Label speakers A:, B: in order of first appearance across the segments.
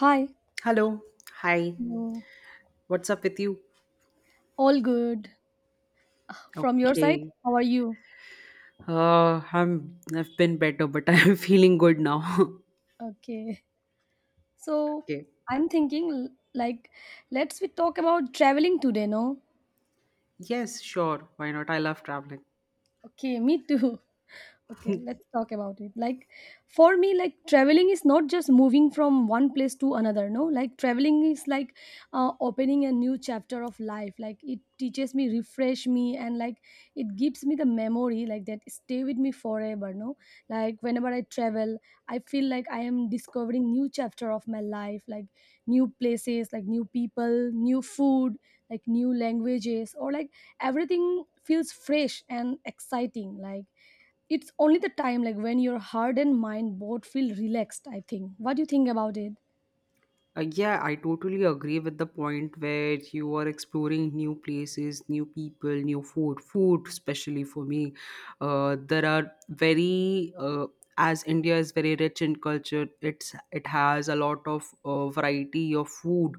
A: Hi.
B: Hello. Hi.
A: Hello.
B: What's up with you?
A: All good. From your side,
B: Okay.
A: how are you?
B: I've been better, but I'm feeling good now.
A: Okay. So
B: Okay.
A: I'm thinking like let's we talk about traveling today, no?
B: Yes, sure. Why not? I love traveling.
A: Okay, me too. Okay, let's talk about it. Like for me, like traveling is not just moving from one place to another, no? Like traveling is like opening a new chapter of life. Like it teaches me, refresh me, and like it gives me the memory like that stay with me forever, no? Like whenever I travel, I feel like I am discovering new chapter of my life, like new places, like new people, new food, like new languages, or like everything feels fresh and exciting. Like it's only the time like when your heart and mind both feel relaxed. I think, what do you think about it?
B: Yeah, I totally agree with the point where you are exploring new places, new people, new food. Food, especially for me, there are very as India is very rich in culture. It has a lot of variety of food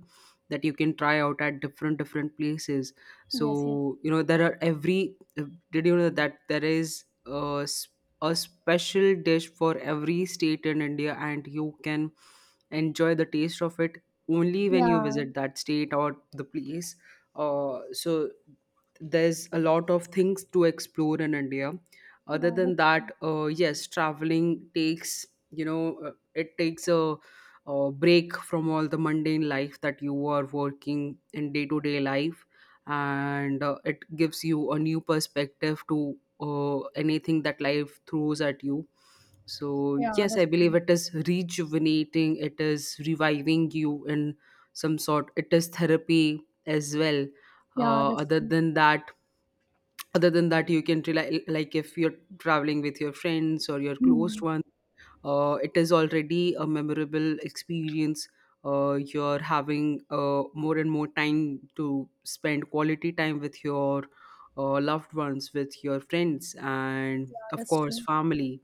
B: that you can try out at different places.
A: Yes, yes.
B: So you know there are every. Did you know that there is a special dish for every state in India, and you can enjoy the taste of it only when you
A: Yeah,
B: visit that state or the place. So there's a lot of things to explore in India. Other
A: yeah,
B: than
A: that's
B: that, yes, traveling takes you know it takes a break from all the mundane life that you are working in day to day life, and it gives you a new perspective to anything that life throws at you. So
A: yeah,
B: yes,
A: that's
B: I believe
A: true.
B: it is rejuvenating, it is reviving you in some sort, it is therapy as well.
A: Yeah,
B: uh,
A: that's
B: other
A: true.
B: than that other than that you can rely, like, if you're traveling with your friends or your
A: Hmm.
B: closed ones, it is already a memorable experience. You're having more and more time to spend quality time with your loved ones, with your friends, and
A: Yeah,
B: of
A: that's
B: course,
A: true.
B: family.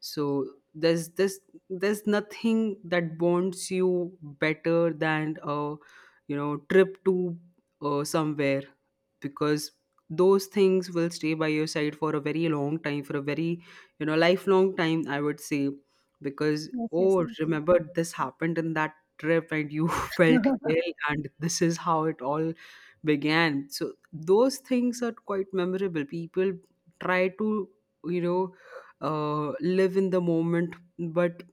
B: So there's nothing that bonds you better than a trip to somewhere, because those things will stay by your side for a very long time, for a very, lifelong time, I would say, because,
A: Yes, yes, that's
B: oh,
A: true.
B: remember this happened in that trip and you felt ill, and this is how it all began. So those things are quite memorable. People try to, you know live in the moment, but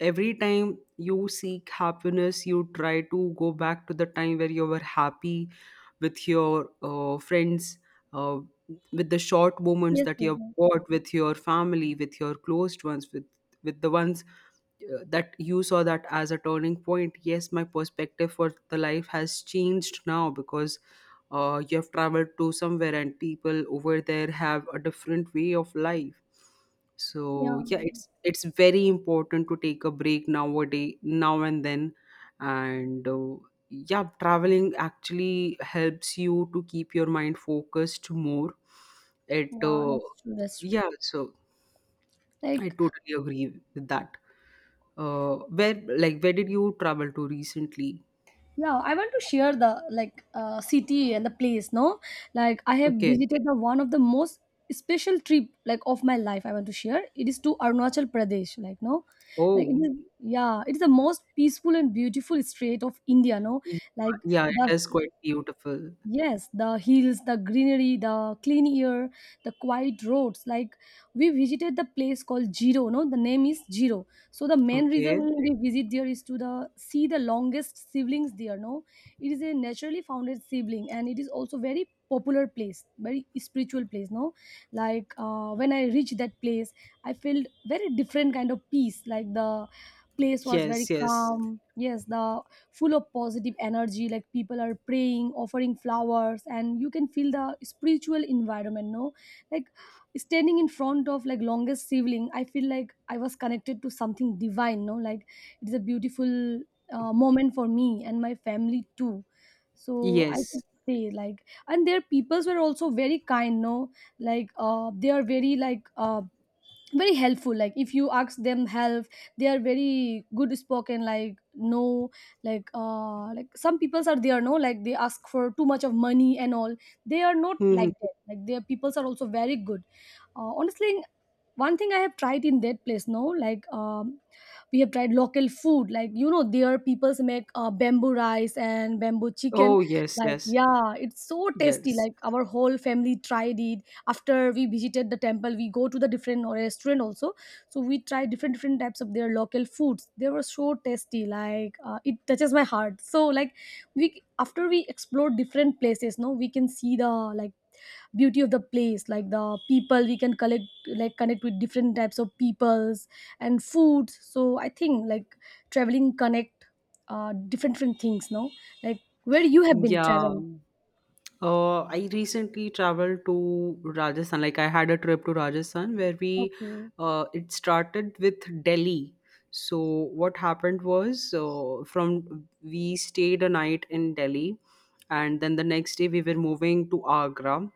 B: every time you seek happiness, you try to go back to the time where you were happy with your friends, uh, with the short moments
A: Yes,
B: that you
A: yes,
B: have
A: yes.
B: got with your family, with your closed ones, with the ones that you saw that as a turning point. Yes, my perspective for the life has changed now, because you have traveled to somewhere and people over there have a different way of life. So
A: Yeah,
B: yeah, it's very important to take a break nowadays, now and then. And yeah, traveling actually helps you to keep your mind focused more. It
A: yeah, that's true. That's true.
B: Yeah, so I
A: Like
B: totally agree with that. Where, like, where did you travel to recently?
A: yeah, I want to share the like city and the place, no? Like I have
B: Okay.
A: visited the one of the most special trip like of my life. I want to share it is to Arunachal Pradesh, like, no. Like it
B: Oh,
A: is, yeah, it is the most peaceful and beautiful state of India, no?
B: y-
A: Like
B: yeah,
A: the,
B: it is quite beautiful.
A: yes, the hills, the greenery, the clean air, the quiet roads. Like we visited the place called Jiro, no, the name is Jiro. So the main reason
B: Okay.
A: we visit there is to the see the longest siblings there, no. It is a naturally founded sibling and it is also very popular place, very spiritual place, no. Like when I reached that place, I felt very different kind of peace. Like the place was very
B: Yes, yes.
A: calm. Yes, the full of positive energy, like people are praying, offering flowers, and you can feel the spiritual environment, no? Like standing in front of like longest sibling, I feel like I was connected to something divine, no? Like it's a beautiful moment for me and my family too. So I could
B: Yes.
A: say, like, and their peoples were also very kind, no? Like they are very like very helpful. Like if you ask them help, they are very good spoken like, no. Like like some peoples are there, no, like they ask for too much of money and all. They are not
B: Mhm.
A: like that. Like their peoples are also very good, honestly. One thing I have tried in that place, no, like we have tried local food. Like you know, there people's make bamboo rice and bamboo chicken,
B: Oh, yes,
A: like,
B: yes.
A: yeah, it's so tasty.
B: Yes.
A: Like our whole family tried it. After we visited the temple, we go to the different restaurant also, so we try different different types of their local foods. They were so tasty, like it touches my heart. So like, we after we explore different places, no, we can see the like beauty of the place, like the people. We can collect, like, connect with different types of peoples and food. So I think like traveling connect different different things, no. Like where you have been
B: Yeah.
A: traveling?
B: I recently traveled to Rajasthan. Like, I had a trip to Rajasthan where
A: Okay,
B: it started with Delhi. So what happened was, from we stayed a night in Delhi, and then the next day we were moving to Agra,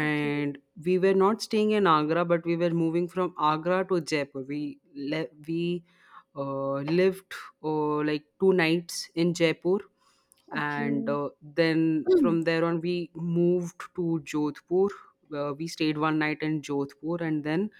A: okay,
B: we were not staying in Agra, but we were moving from Agra to Jaipur. We lived like 2 nights in Jaipur, and
A: okay.
B: then
A: Mm,
B: from there on we moved to Jodhpur. We stayed one night in Jodhpur, and then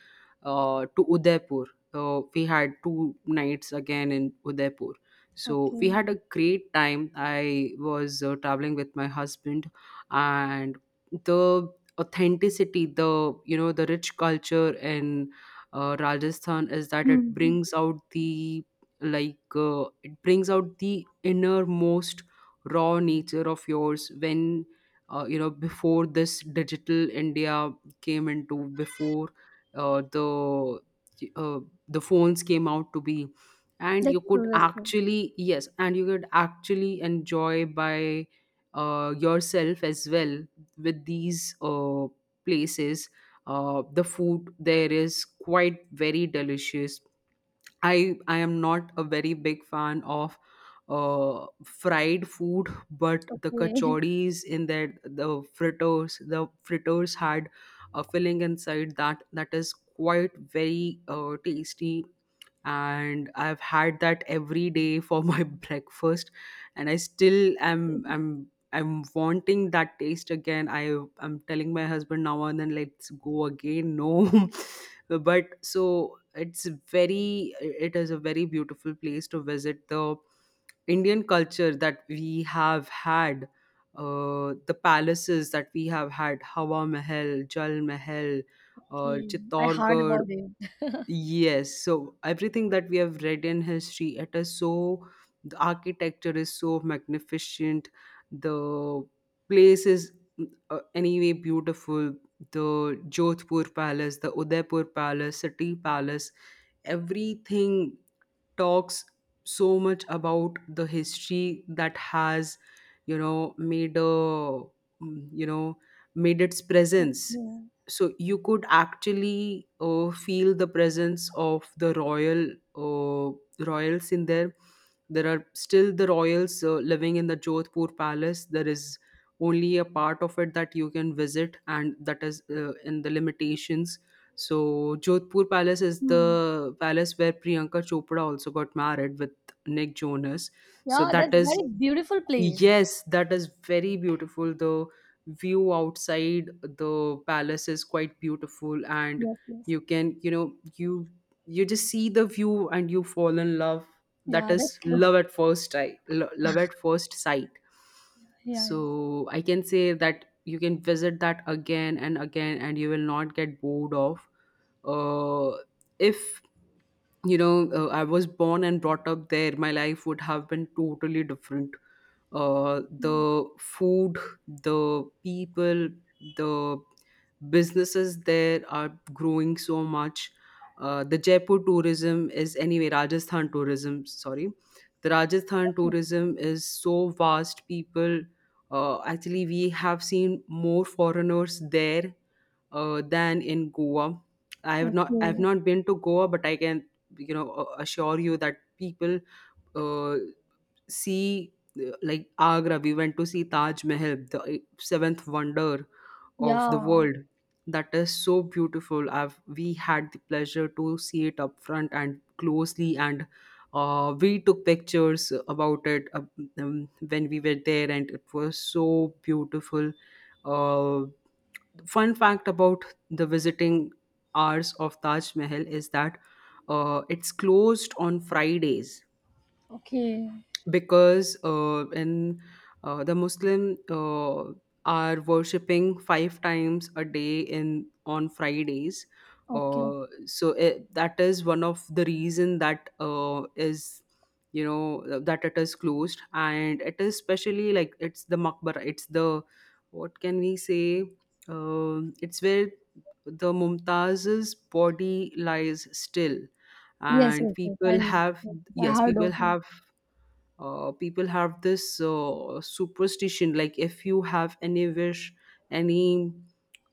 B: to Udaipur. We had 2 nights again in Udaipur. So
A: okay.
B: we had a great time. I was traveling with my husband, and the authenticity, the, the rich culture in Rajasthan is that
A: Hmm, hmm.
B: it brings out the innermost raw nature of yours when, before this digital India came into, before uh, the uh, the phones came out to be, and
A: That's true, that's true.
B: you could actually enjoy by yourself as well with these places. The food there is quite very delicious. I am not a very big fan of fried food, but the
A: Okay.
B: kachoris in there, the fritters, the fritters had a filling inside that is quite very tasty, and I've had that every day for my breakfast, and I still am. I'm wanting that taste again. I'm telling my husband now and then, let's go again, no. But it is a very beautiful place to visit. The Indian culture that we have had, the palaces that we have had, Hawa Mahal, Jal Mahal,
A: Okay, I heard
B: Chittorgarh.
A: about it.
B: Yes, so everything that we have read in history, it is so. The architecture is so magnificent, the place is, anyway, beautiful. The Jodhpur Palace, the Udaipur Palace, City Palace, everything talks so much about the history that has, made a, made its presence.
A: Yeah.
B: So you could actually feel the presence of the royal uh, royals in there. There are still the royals living in the Jodhpur Palace. There is only a part of it that you can visit, and that is in the limitations. So Jodhpur Palace is
A: Hmm.
B: the palace where Priyanka Chopra also got married with Nick Jonas. So
A: Yeah, that's
B: that is.
A: very beautiful place.
B: Yes, that is very beautiful. The view outside the palace is quite beautiful, and
A: Yes, yes.
B: you can, you know, you just see the view and you fall in love. That
A: Yeah, that's
B: is
A: true.
B: love at first sight. Love at first sight.
A: Yeah, yeah.
B: So I can say that you can visit that again and again, and you will not get bored of. Uh, if, I was born and brought up there, my life would have been totally different.
A: Mm.
B: The food, the people, the businesses there are growing so much. The Jaipur tourism is, anyway, Rajasthan tourism, sorry, the Rajasthan
A: Okay,
B: tourism is so vast. People, actually, we have seen more foreigners there than in Goa. I have
A: okay.
B: not been to Goa, but I can, assure you that people, uh, see, like Agra, we went to see Taj Mahal, the seventh wonder of the
A: Yeah.
B: world. That is so beautiful. I've We had the pleasure to see it up front and closely, and we took pictures about it when we were there, and it was so beautiful. Uh, Fun fact about the visiting hours of Taj Mahal is that it's closed on Fridays,
A: Okay,
B: because in the Muslim are worshipping 5 times a day in on Fridays.
A: okay.
B: So that is one of the reason that is, you know, that it is closed. And it is especially, like, it's the makbara, it's the, what can we say, it's where the mumtaz's body lies still,
A: Yes,
B: and
A: yes, yes. I
B: people
A: know.
B: have,
A: Yes, I
B: yes,
A: heard of it.
B: people have this superstition, like, if you have any wish, any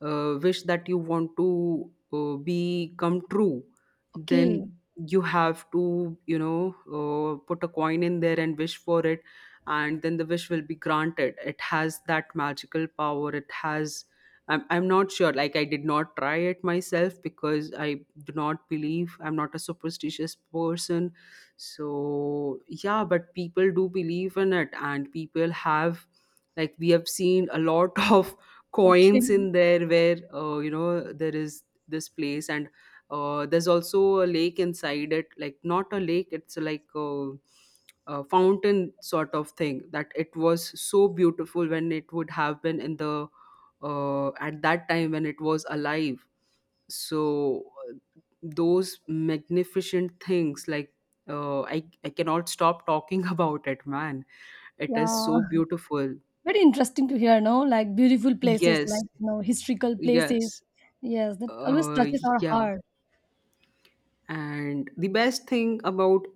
B: wish that you want to be come true,
A: Okay,
B: then you have to, put a coin in there and wish for it, and then the wish will be granted. It has that magical power, it has. I'm not sure. Like, I did not try it myself because I do not believe, I'm not a superstitious person. So yeah, but people do believe in it, and people have, like, we have seen a lot of
A: okay.
B: coins in there where, there is this place. And there's also a lake inside it, like, not a lake, it's like a fountain sort of thing, that it was so beautiful when it would have been in the, at that time when it was alive. So, those magnificent things, like, I cannot stop talking about it, man. It is so
A: Yeah,
B: beautiful.
A: very interesting to hear, no? Like beautiful places, like
B: Yes,
A: you know, historical places.
B: yes.
A: Yes, that always
B: Uh,
A: touches our
B: yeah.
A: heart.
B: And the best thing about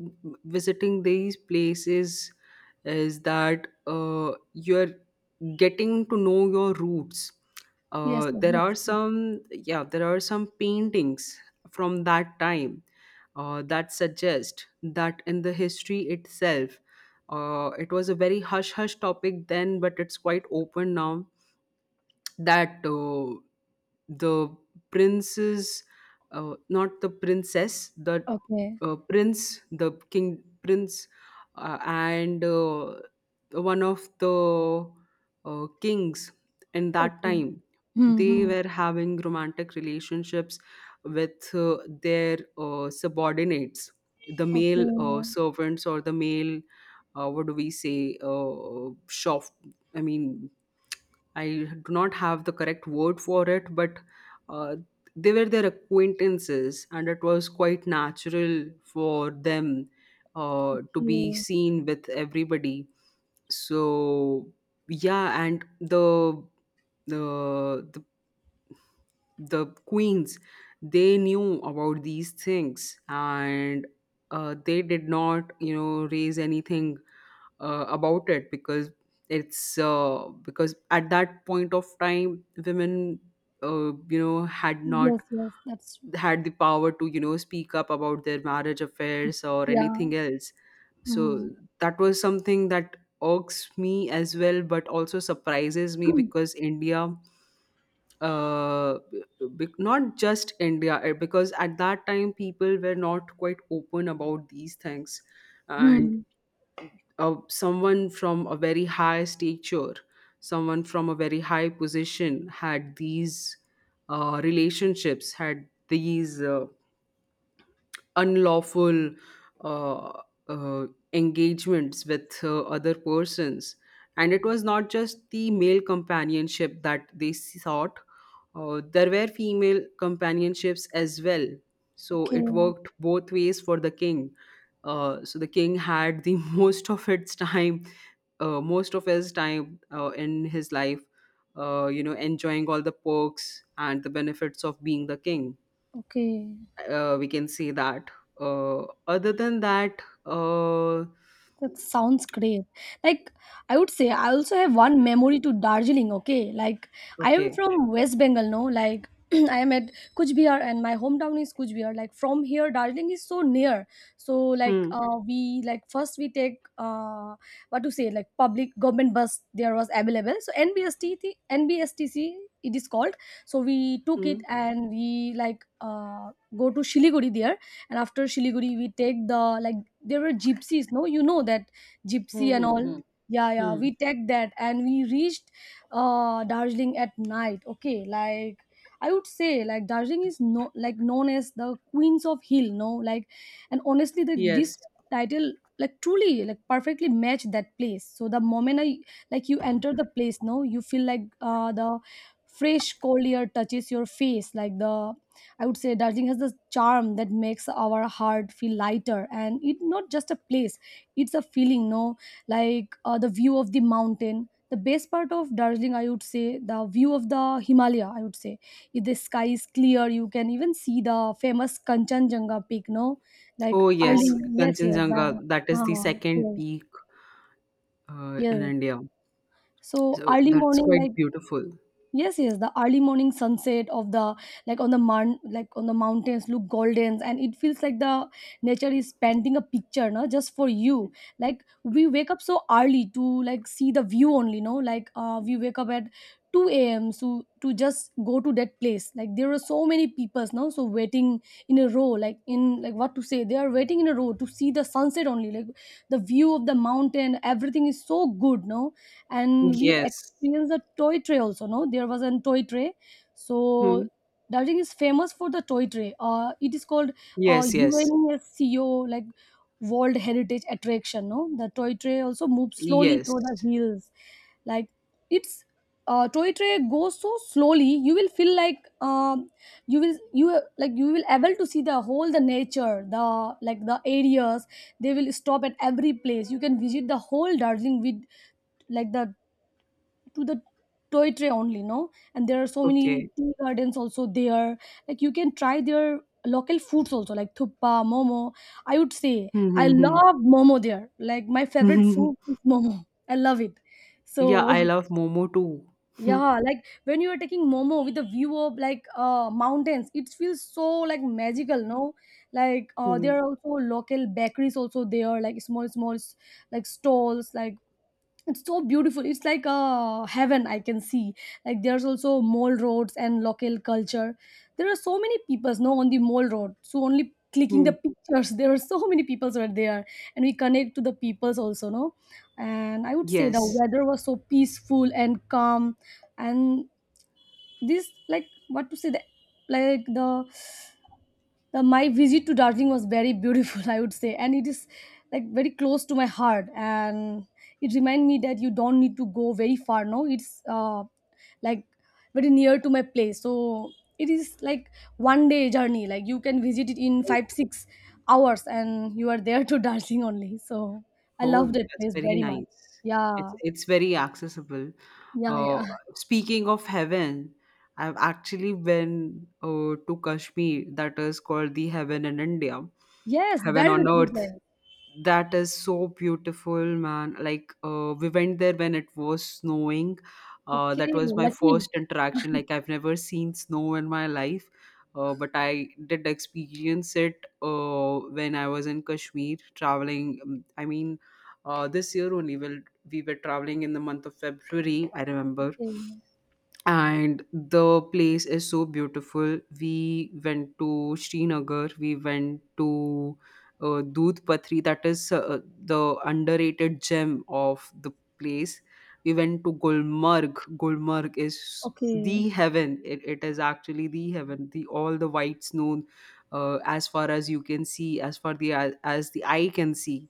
B: visiting these places is that you're getting to know your roots.
A: Yes, yes,
B: There are
A: that's good.
B: some, yeah, there are some paintings from that time that suggest that in the history itself, it was a very hush hush topic then, but it's quite open now, that the princes, not the princess, the
A: Okay,
B: prince, the king prince, and one of the kings in that
A: okay.
B: time, they were
A: Mm-hmm.
B: having romantic relationships with their subordinates, the male
A: Okay,
B: servants, or the male, what do we say, shop, I mean, I do not have the correct word for it, but uh, they were their acquaintances, and it was quite natural for them to be
A: okay.
B: seen with everybody. So yeah, and the the queens they knew about these things and they did not raise anything about it because it's because at that point of time women had not
A: Yes, yes, that's true.
B: had the power to speak up about their marriage affairs or
A: Yeah.
B: anything else. So that was something that irks me as well, but also surprises me because India, uh not just India, because at that time people were not quite open about these things. And
A: Mm-hmm.
B: someone from a very high stature, someone from a very high position, had these relationships, had these unlawful uh, uh, engagements with other persons. And it was not just the male companionship that they sought. There were female companionships as well, so it
A: Okay,
B: worked both ways for the king. So the king had the most of its time, most of his time in his life, enjoying all the perks and the benefits of being the king,
A: okay.
B: we can say that. Other than that,
A: That sounds great. Like I would say, I also have one memory to Darjeeling. Okay, like I am
B: okay.
A: from West Bengal. No, like I am at Kuch Bihar, and my hometown is Kuch Bihar. Like from here, Darjeeling is so near. So like
B: Hmm.
A: we like first we take uh what to say, like public government bus there was available. So NBSTC it is called. So we took it
B: Hmm.
A: and we like go to Shiliguri there, and after Shiliguri we take the like there were gypsies, no, you know that
B: Hmm,
A: gypsy and
B: hmm,
A: all.
B: hmm,
A: Yeah, yeah,
B: hmm.
A: we take that and we reached Darjeeling at night. Okay, like I would say like Darjeeling is no like known as the Queens of Hill, no? Like and honestly, the
B: Yes.
A: this title like truly like perfectly match that place. So the moment I like you enter the place, no, you feel like the fresh cold air touches your face. Like the, I would say Darjeeling has this charm that makes our heart feel lighter, and it's not just a place; it's a feeling. No, like the view of the mountain. The best part of Darjeeling, I would say, the view of the Himalaya. I would say, if the sky is clear, you can even see the famous Kanchenjunga peak. No, like
B: Oh
A: early. Oh,
B: yes,
A: early. Yes, yes,
B: Kanchenjunga.
A: the,
B: That is the second
A: yes,
B: peak in
A: yes.
B: India.
A: So
B: So
A: early
B: that's
A: morning, like,
B: quite beautiful.
A: yes, yes, the early morning sunset of the, like on the moun like on the mountains look golden, and it feels like the nature is painting a picture, no, just for you. Like we wake up so early to like see the view only, no, like we wake up at 2 a.m. so to just go to that place. Like there are so many people, no? So waiting in a row, like in like what to say, they are waiting in a row to see the sunset only. Like the view of the mountain, everything is so good, no, and we
B: Yes.
A: experienced the toy tray also, no, there was a toy tray. So
B: Hmm.
A: Darjeeling is famous for the toy tray. It is called
B: Yes. Yes.
A: UNESCO like world heritage attraction, no. The toy tray also moves slowly
B: Yes.
A: through the hills, like it's toy tray goes so slowly. You will feel like you will you like you will able to see the whole the nature, the like the areas. They will stop at every place. You can visit the whole Darjeeling with like the to the toy tray only, no. And there are so
B: Okay.
A: many tea gardens also there, like you can try their local foods also like thuppa momo. I would say I
B: Hmm. Hmm.
A: love momo there. Like my favorite
B: Hmm.
A: food is momo. I love it. So
B: Yeah, I love Momo too.
A: yeah, like when you are taking momo with a view of like mountains, it feels so like magical, no? Like
B: Hmm.
A: there are also local bakeries also there, like small small like stalls. Like it's so beautiful, it's like a heaven, I can see. Like there's also mall roads and local culture. There are so many peoples now on the mall road, so only clicking
B: Hmm.
A: the
B: Hmm.
A: pictures. There are so many peoples were there, and we connect to the peoples also, no. And I would say the
B: Yes.
A: weather was so peaceful and calm. And this like what to say, the like the my visit to Darjeeling was very beautiful, I would say, and it is like very close to my heart, and it reminded me that you don't need to go very far. No, it's like very near to my place, so it is like one day journey. Like you can visit it in 5 6 hours, and you are there to Darjeeling only. So I
B: Oh,
A: love that
B: that's
A: place
B: very
A: very much.
B: nice.
A: Yeah,
B: It's very accessible.
A: yeah,
B: Uh,
A: yeah.
B: speaking of heaven, I've actually been to Kashmir, that is called the heaven in India,
A: Yes,
B: heaven
A: very
B: on
A: beautiful place.
B: earth. That is so beautiful, man. Like we went there when it was snowing. That
A: Okay,
B: was my
A: lucky.
B: first interaction. Like, I've never seen snow in my life. But I did experience it when I was in Kashmir traveling. I mean, this year only. Well, we were traveling in the month of February, I remember.
A: Okay,
B: And the place is so beautiful. We went to Srinagar, we went to Doodh Patri, that is the underrated gem of the place. We went to Gulmarg. Gulmarg is
A: okay,
B: the heaven. It is actually the heaven, the all the white snow, as far as you can see, as the eye can see.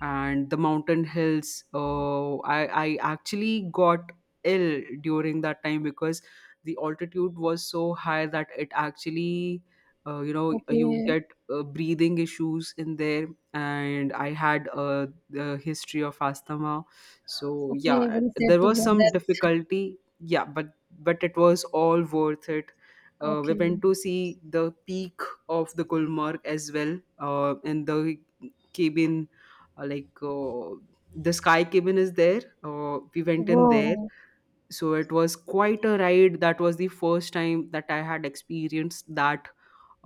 B: And the mountain hills, I actually got ill during that time because the altitude was so high that it actually, you know, you
A: okay.
B: get breathing issues in there. And I had the history of asthma, so
A: Okay,
B: yeah,
A: very sad
B: there
A: to
B: was
A: hear
B: some
A: that.
B: difficulty, yeah, but it was all worth it. We
A: Okay.
B: went to see the peak of the Gulmarg as well, and the cabin, uh, like uh, the sky cabin is there. We went in there,
A: Whoa.
B: so it was quite a ride. That was the first time that I had experienced that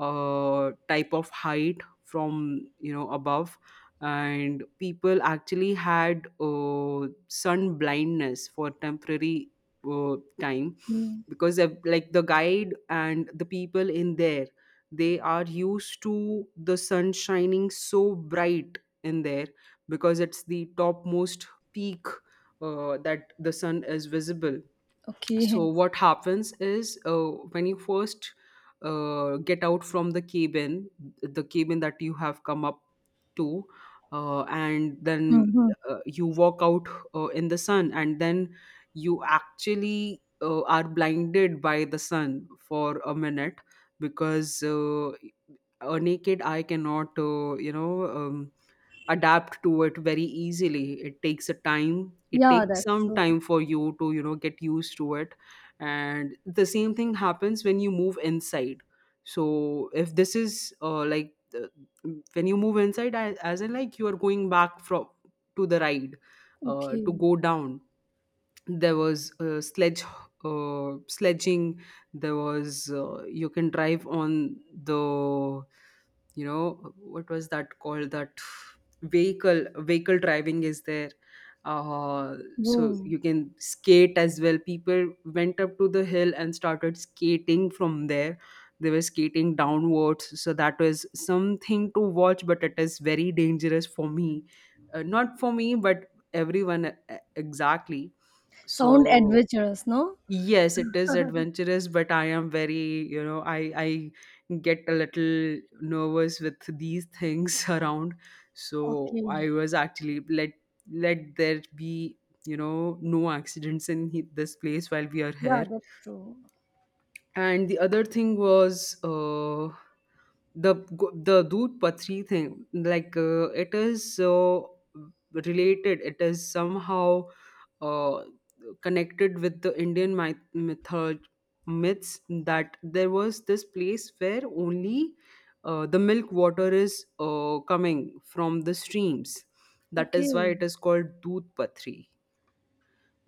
B: type of height, from you know, above. And people actually had sun blindness for temporary time,
A: Mm.
B: because of- like the guide and the people in there, they are used to the sun shining so bright in there because it's the topmost peak that the sun is visible. So
A: Okay.
B: what happens is, when you first get out from the cabin, the cabin that you have come up to, and then
A: Mm-hmm.
B: you walk out in the sun, and then you actually are blinded by the sun for a minute, because a naked eye cannot you know, adapt to it very easily. It takes a time, it
A: Yeah,
B: takes
A: that's
B: some
A: true.
B: time for you to you know get used to it. And the same thing happens when you move inside. So if this is like the, when you move inside a- as in like you are going back from to the ride
A: Okay.
B: to go down, there was sledge sledging. There was you can drive on the, you know, what was that called, that vehicle driving is there. uh, so
A: Whoa.
B: you can skate as well. People went up to the hill and started skating from there. They were skating downwards, so that was something to watch, but it is very dangerous for me, not for me but everyone, exactly.
A: Sound
B: So
A: adventurous, no?
B: yes, it is adventurous, but I am very, you know, I get a little nervous with these things around. So
A: Okay.
B: I was actually let there be, you know, no accidents in he- this place while we are
A: Yeah,
B: here.
A: that's true.
B: And the other thing was, the the Dood Patri thing, like it is so related, it is somehow uh, connected with the Indian myth method, myths, that there was this place where only the milk water is coming from the streams. That is why
A: Okay.
B: it is called Dood Patri,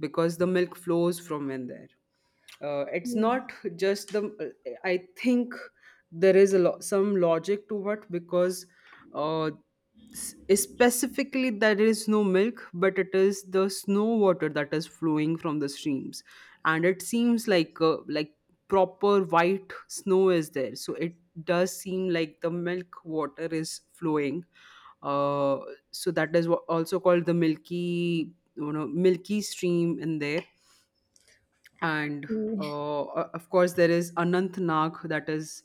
B: because the milk flows from in there. It's
A: Okay.
B: not just the I think there is a lo- some logic to it, because uh, specifically there is no milk, but it is the snow water that is flowing from the streams. And it seems like, proper white snow is there, so it does seem like the milk water is flowing. uh, so that is wha- also called the milky, you know, milky stream in there. And
A: Okay.
B: uh, of course, there is Anant Nag. That is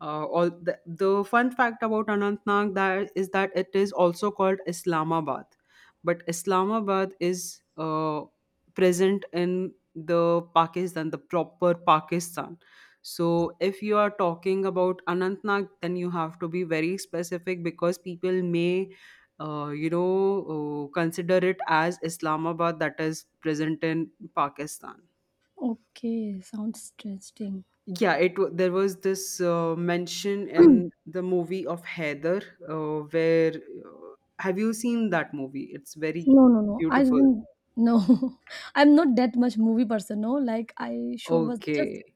B: all the fun fact about Anant Nag that is that it is also called Islamabad, but Islamabad is present in the Pakistan, the proper Pakistan. So if you are talking about Anant Nag, then you have to be very specific because people may uh, you know consider it as Islamabad that is present in Pakistan.
A: Okay, sounds interesting.
B: Yeah, it wa- there was this mention in the movie of Heather, where have you seen that movie? It's very
A: No, no, no. I
B: beautiful.
A: didn't. No, I'm not that much movie person. No, like I show was just
B: Okay,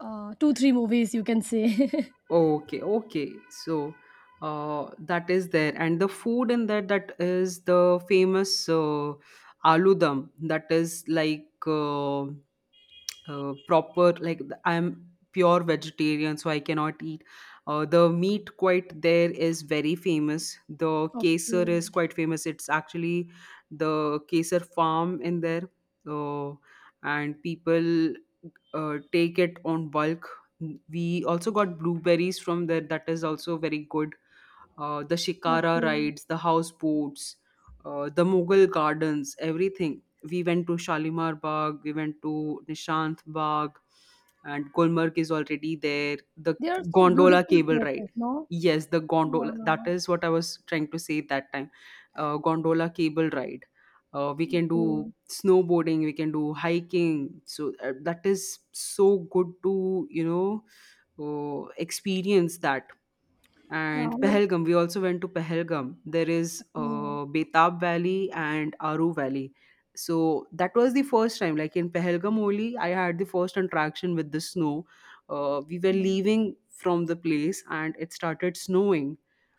A: two, three movies, you can say.
B: okay, okay. So that is there. And the food in that, that is the famous aloo dum. That is like. Proper like th- I'm pure vegetarian, so I cannot eat the meat. Quite there is very famous, the kesar
A: Okay,
B: is quite famous. It's actually the kesar farm in there, uh, and people take it on bulk. We also got blueberries from there, that is also very good. The Shikara
A: okay.
B: rides, the houseboats, the Mughal gardens, everything. We went to Shalimar Bagh, we went to Nishant Bagh, and Gulmarg is already there. The
A: They are so
B: gondola
A: beautiful
B: cable ride.
A: places, no?
B: Yes, the
A: Yeah,
B: gondola. That is what I was trying to say that time. Gondola cable ride. We can do
A: okay.
B: snowboarding. We can do hiking. So that is so good to you know experience that.
A: Yeah,
B: And
A: like,
B: Pahalgam. We also went to Pahalgam. There is
A: yeah,
B: Betab Valley and Aru Valley. So that was the first time, like in Pahalgam only, I had the first interaction with the snow. We were
A: yeah,
B: leaving from the place and it started snowing,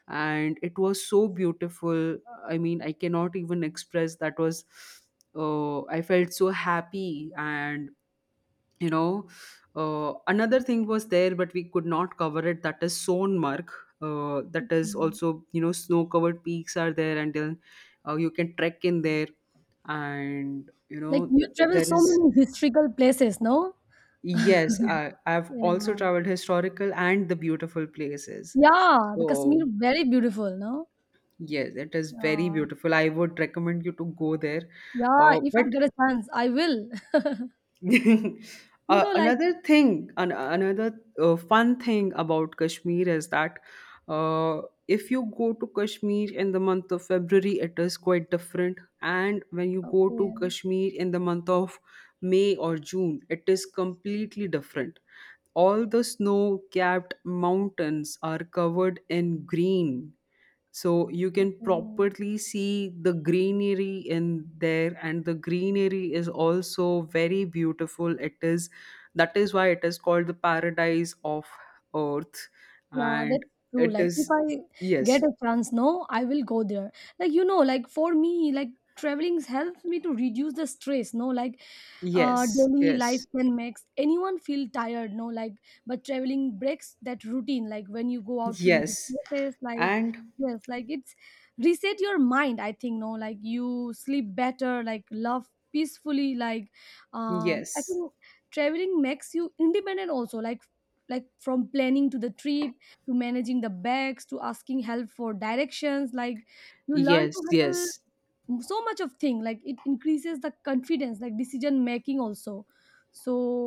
B: and it was so beautiful. I mean, I cannot even express. That was, I felt so happy. And you know, another thing was there, but we could not cover it, that is Sonmark. That is
A: okay.
B: also, you know, snow covered peaks are there, and then you can trek in there. And you
A: Like
B: know,
A: you travel
B: there
A: so
B: is,
A: many historical places, no?
B: yes, I've also
A: Yeah.
B: traveled historical and the beautiful places.
A: Yeah, the
B: So
A: Kashmir very beautiful, no?
B: yes, it is very
A: Yeah.
B: beautiful. I would recommend you to go there.
A: Yeah, if I
B: But
A: get a chance, I will. You know, like
B: another thing, another fun thing about Kashmir is that uh, if you go to Kashmir in the month of February, it is quite different. And when you go to
A: okay,
B: Kashmir in the month of May or June, it is completely different. All the snow capped mountains are covered in green, so you can
A: okay.
B: properly see the greenery in there, and the greenery is also very beautiful. It is, that is why it is called the paradise of earth.
A: Yeah, that's
B: And
A: true.
B: it
A: Like if
B: is,
A: I get
B: yes,
A: a chance, no, I will go there. Like you know, like for me, like traveling helps me to reduce the stress. No, like
B: yes,
A: daily life
B: yes,
A: can make anyone feel tired. No, like but traveling breaks that routine. Like when you go out to new
B: yes.
A: places, like
B: And
A: yes, like it's reset your mind. I think no, like you sleep better. Like love peacefully. Like I
B: yes,
A: think traveling makes you independent also. Like from planning to the trip to managing the bags to asking help for directions, like you learn
B: yes,
A: to handle
B: yes.
A: so much of thing. Like it increases the confidence like decision making also. So